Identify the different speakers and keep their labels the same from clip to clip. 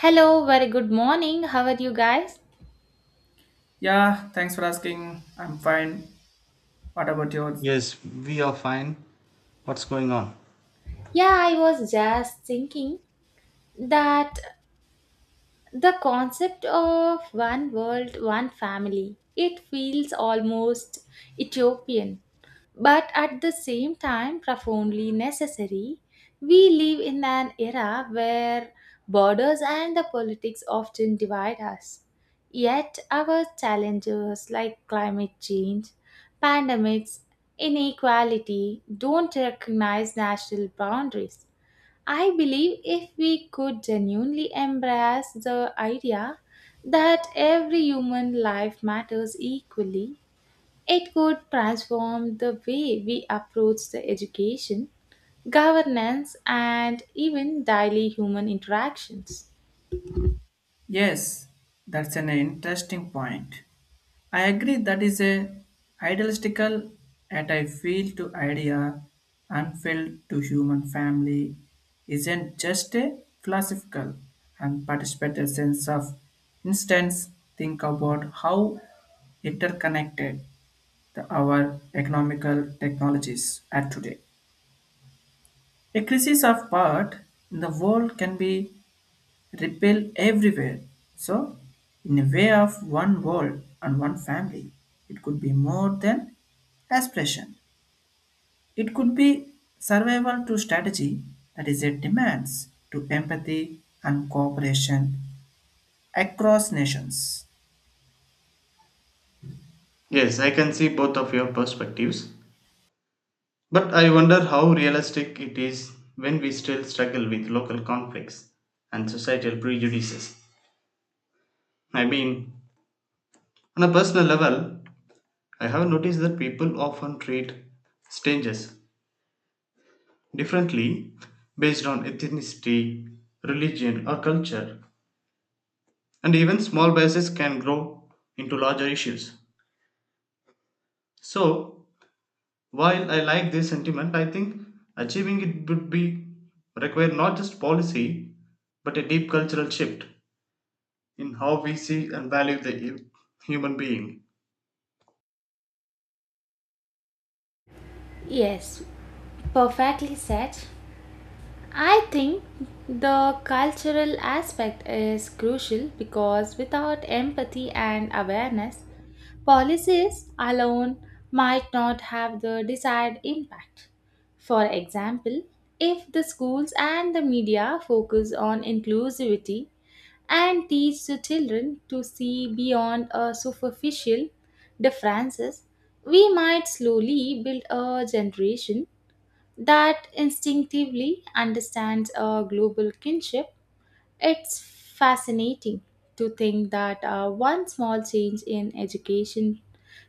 Speaker 1: Hello, very good morning. How are you guys?
Speaker 2: Yeah, thanks for asking. I'm fine. What about yours?
Speaker 3: Yes, we are fine. What's going on?
Speaker 1: Yeah, I was just thinking that the concept of one world, one family, it feels almost Ethiopian but at the same time profoundly necessary. We live in an era where borders and the politics often divide us. Yet, our challenges like climate change, pandemics, inequality don't recognize national boundaries. I believe if we could genuinely embrace the idea that every human life matters equally, it could transform the way we approach the education, governance, and even daily human interactions.
Speaker 2: Yes, that's an interesting point. I agree that is a idealistical at I feel to idea unfilled to human family isn't just a philosophical and participatory sense of instance think about how interconnected our economical technologies are today. A crisis of part in the world can be repel everywhere. So, in a way of one world and one family, it could be more than aspiration. It could be survival to strategy that is it demands to empathy and cooperation across nations.
Speaker 3: Yes, I can see both of your perspectives, but I wonder how realistic it is when we still struggle with local conflicts and societal prejudices. I mean, on a personal level, I have noticed that people often treat strangers differently based on ethnicity, religion, or culture, and even small biases can grow into larger issues. So, while I like this sentiment, I think achieving it would be require not just policy but a deep cultural shift in how we see and value the human being.
Speaker 1: Yes, perfectly said. I think the cultural aspect is crucial because without empathy and awareness, policies alone might not have the desired impact. For example, if the schools and the media focus on inclusivity and teach the children to see beyond a superficial differences, we might slowly build a generation that instinctively understands a global kinship. It's fascinating to think that one small change in education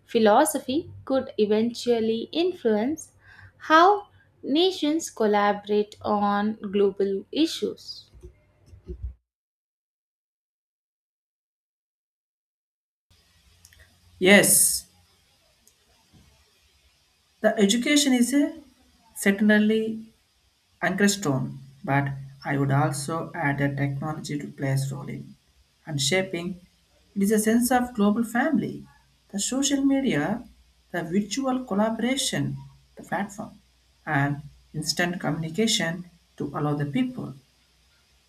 Speaker 1: philosophy could eventually influence how nations collaborate on global issues.
Speaker 2: Yes, the education is a certainly Ankerstone, but I would also add that technology to play a role in and shaping. It is a sense of global family, the social media, the virtual collaboration, the platform, and instant communication to allow the people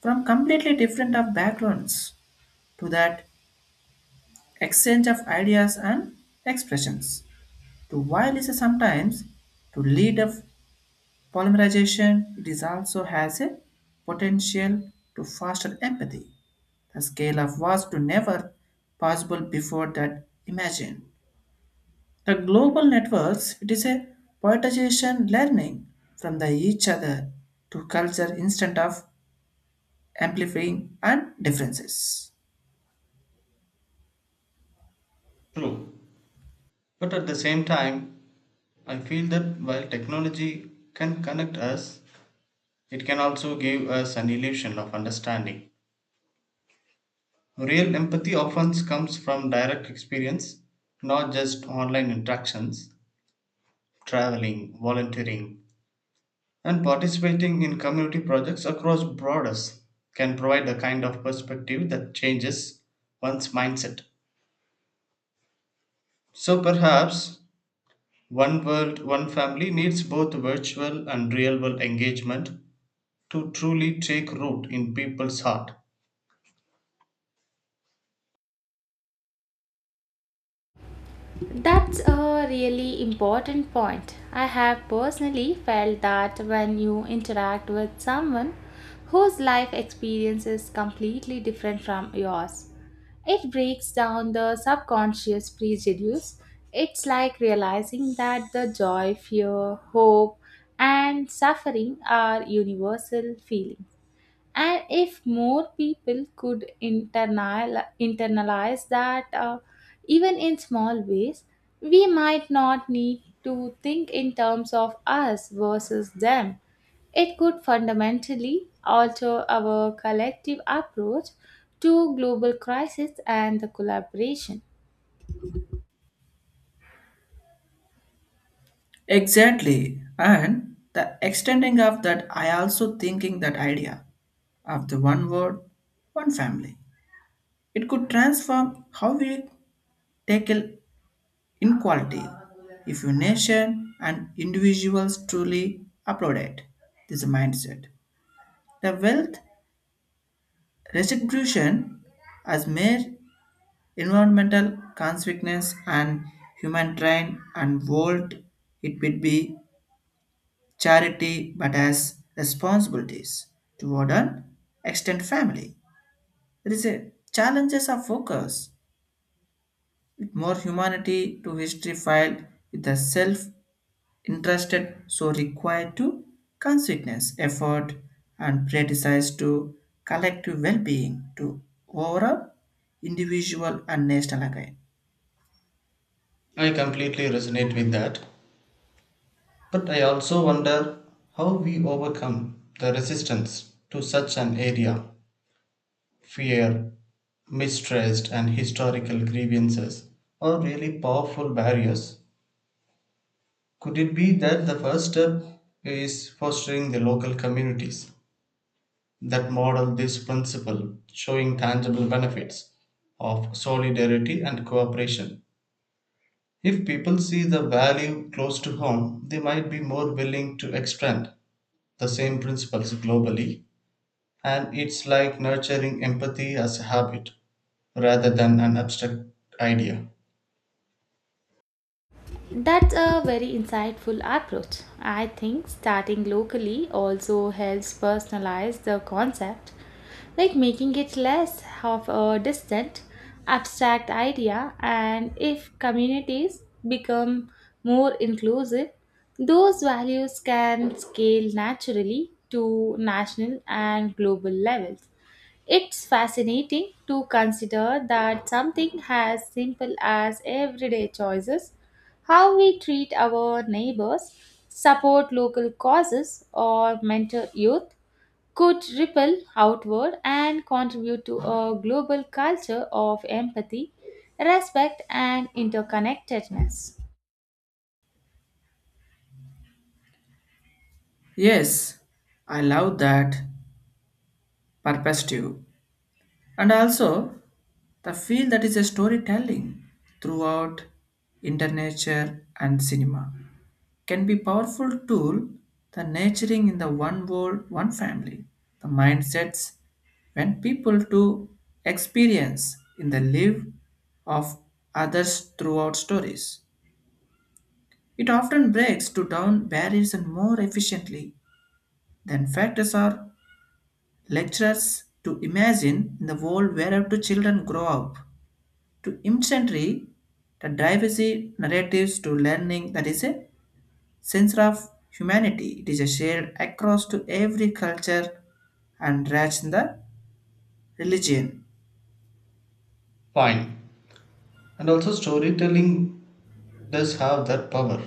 Speaker 2: from completely different of backgrounds to that exchange of ideas and expressions to while is sometimes to lead a Polymerization it is also has a potential to foster empathy. The scale of was to never possible before that imagine. The global networks it is a poetization learning from the each other to culture instead of amplifying and differences.
Speaker 3: True. But at the same time, I feel that while technology can connect us, it can also give us an illusion of understanding. Real empathy often comes from direct experience, not just online interactions, traveling, volunteering, and participating in community projects across borders can provide a kind of perspective that changes one's mindset. So perhaps One World, One Family needs both virtual and real world engagement to truly take root in people's heart.
Speaker 1: That's a really important point. I have personally felt that when you interact with someone whose life experience is completely different from yours, it breaks down the subconscious prejudice. It's like realizing that the joy, fear, hope, and suffering are universal feelings, and if more people could internalize that, even in small ways, we might not need to think in terms of us versus them. It could fundamentally alter our collective approach to global crisis and the collaboration.
Speaker 2: Exactly. And the extending of that I also thinking that idea of the one word, one family. It could transform how we tackle inequality. If your nation and individuals truly applaud it. This mindset, the wealth redistribution as mere environmental consequence and human train and world, it would be charity but as responsibilities toward an extended family. There is a challenges of focus with more humanity to history file with the self interested so required to consciousness effort and prioritize to collective well-being to overall individual and national again.
Speaker 3: I completely resonate with that. But I also wonder how we overcome the resistance to such an area, fear, mistrust and historical grievances are really powerful barriers. Could it be that the first step is fostering the local communities that model this principle, showing tangible benefits of solidarity and cooperation? If people see the value close to home, they might be more willing to extend the same principles globally, and it's like nurturing empathy as a habit rather than an abstract idea.
Speaker 1: That's a very insightful approach. I think starting locally also helps personalize the concept, like making it less of a distant, abstract idea. And if communities become more inclusive, those values can scale naturally to national and global levels. It's fascinating to consider that something as simple as everyday choices, how we treat our neighbors, support local causes, or mentor youth, could ripple outward and contribute to a global culture of empathy, respect, and interconnectedness.
Speaker 2: Yes, I love that perspective, and also the feel that is a storytelling throughout internet and cinema can be powerful tool the nurturing in the one world one family the mindsets when people to experience in the live of others throughout stories it often breaks to down barriers and more efficiently than factors or lectures to imagine in the world wherever the children grow up to instantly the diversity narratives to learning that is a sense of humanity. It is a shared across to every culture and race in the religion.
Speaker 3: Fine. And also, storytelling does have that power.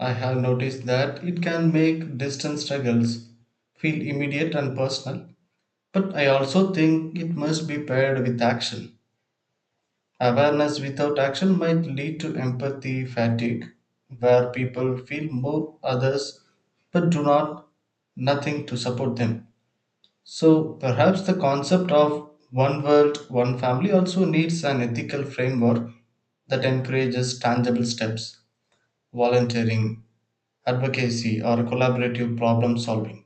Speaker 3: I have noticed that it can make distant struggles feel immediate and personal. But I also think it must be paired with action. Awareness without action might lead to empathy fatigue, where people feel more others but do not nothing to support them. So perhaps the concept of one world, one family also needs an ethical framework that encourages tangible steps. Volunteering, advocacy, or collaborative problem solving,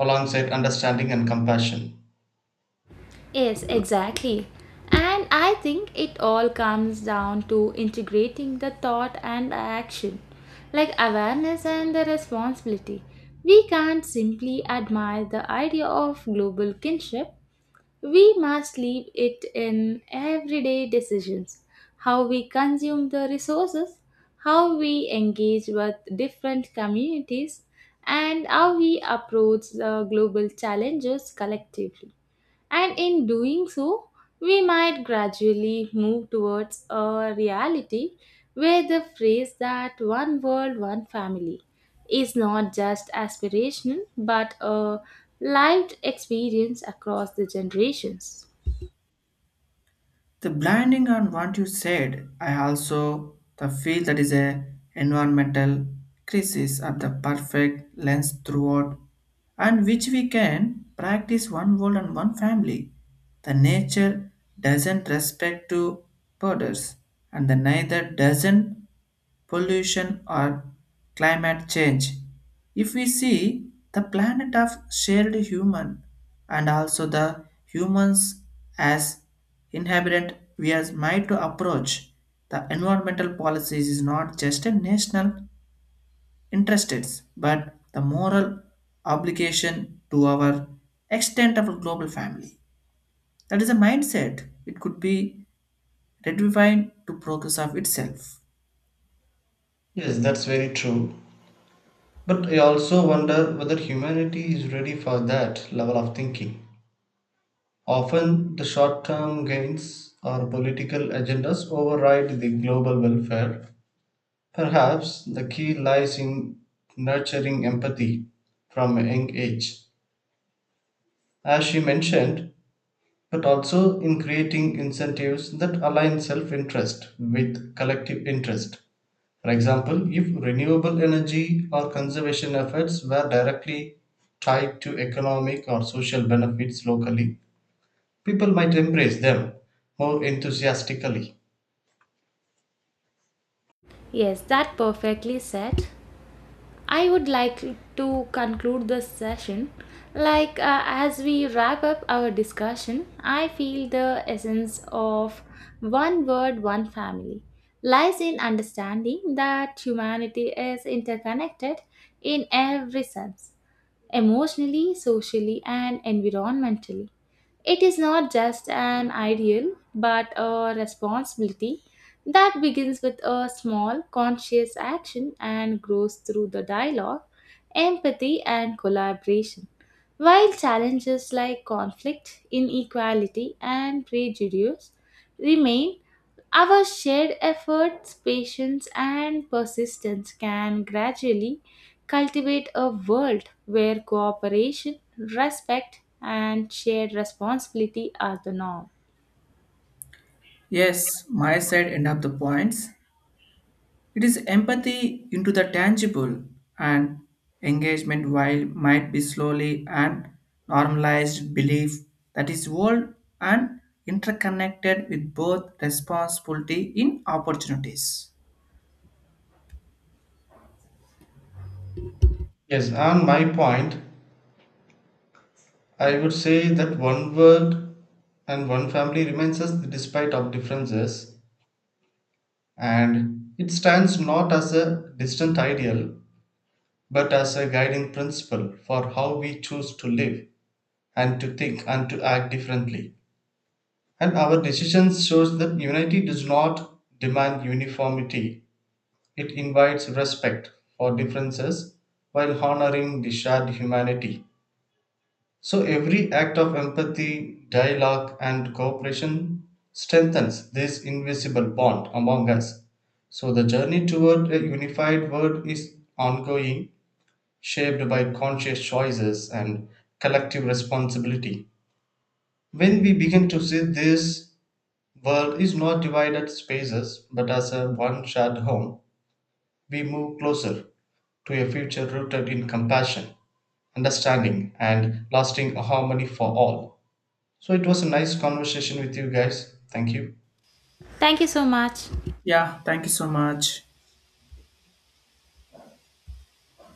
Speaker 3: alongside understanding and compassion.
Speaker 1: Yes, exactly. And I think it all comes down to integrating the thought and action, like awareness and the responsibility. We can't simply admire the idea of global kinship, we must leave it in everyday decisions, how we consume the resources, how we engage with different communities, and how we approach the global challenges collectively. And in doing so, we might gradually move towards a reality where the phrase that one world, one family is not just aspirational but a lived experience across the generations.
Speaker 2: The blinding on what you said, I also the feel that is a environmental crisis at the perfect lens throughout, and which we can practice one world and one family. The nature doesn't respect to borders, and the neither doesn't pollution, or climate change. If we see the planet of shared human and also the humans as inhabitant, we are might to approach the environmental policies is not just a national interests, but the moral obligation to our extent of a global family. That is a mindset. It could be redefined to progress of itself.
Speaker 3: Yes, that's very true. But I also wonder whether humanity is ready for that level of thinking. Often, the short term gains or political agendas override the global welfare. Perhaps the key lies in nurturing empathy from a young age. As she mentioned, but also in creating incentives that align self interest with collective interest. For example, if renewable energy or conservation efforts were directly tied to economic or social benefits locally, people might embrace them more enthusiastically.
Speaker 1: Yes, that perfectly said. I would like to conclude this session. As we wrap up our discussion, I feel the essence of one word, one family lies in understanding that humanity is interconnected in every sense, emotionally, socially, and environmentally. It is not just an ideal, but a responsibility that begins with a small, conscious action and grows through the dialogue, empathy, and collaboration. While challenges like conflict, inequality, and prejudice remain, our shared efforts, patience, and persistence can gradually cultivate a world where cooperation, respect, and shared responsibility are the norm.
Speaker 2: Yes, my side end up the points. It is empathy into the tangible and engagement while might be slowly and normalized belief that is world and interconnected with both responsibility in opportunities.
Speaker 3: Yes, on my point, I would say that one word and one family remains us despite of differences, and it stands not as a distant ideal but as a guiding principle for how we choose to live and to think and to act differently. And our decisions shows that unity does not demand uniformity. It invites respect for differences while honoring the shared humanity. So every act of empathy, dialogue and cooperation strengthens this invisible bond among us. So the journey toward a unified world is ongoing, shaped by conscious choices and collective responsibility. When we begin to see this world is not divided spaces but as a one shared home, we move closer to a future rooted in compassion, understanding, and lasting harmony for all. So it was a nice conversation with you guys. Thank you.
Speaker 1: Thank you so much.
Speaker 2: Yeah, thank you so much.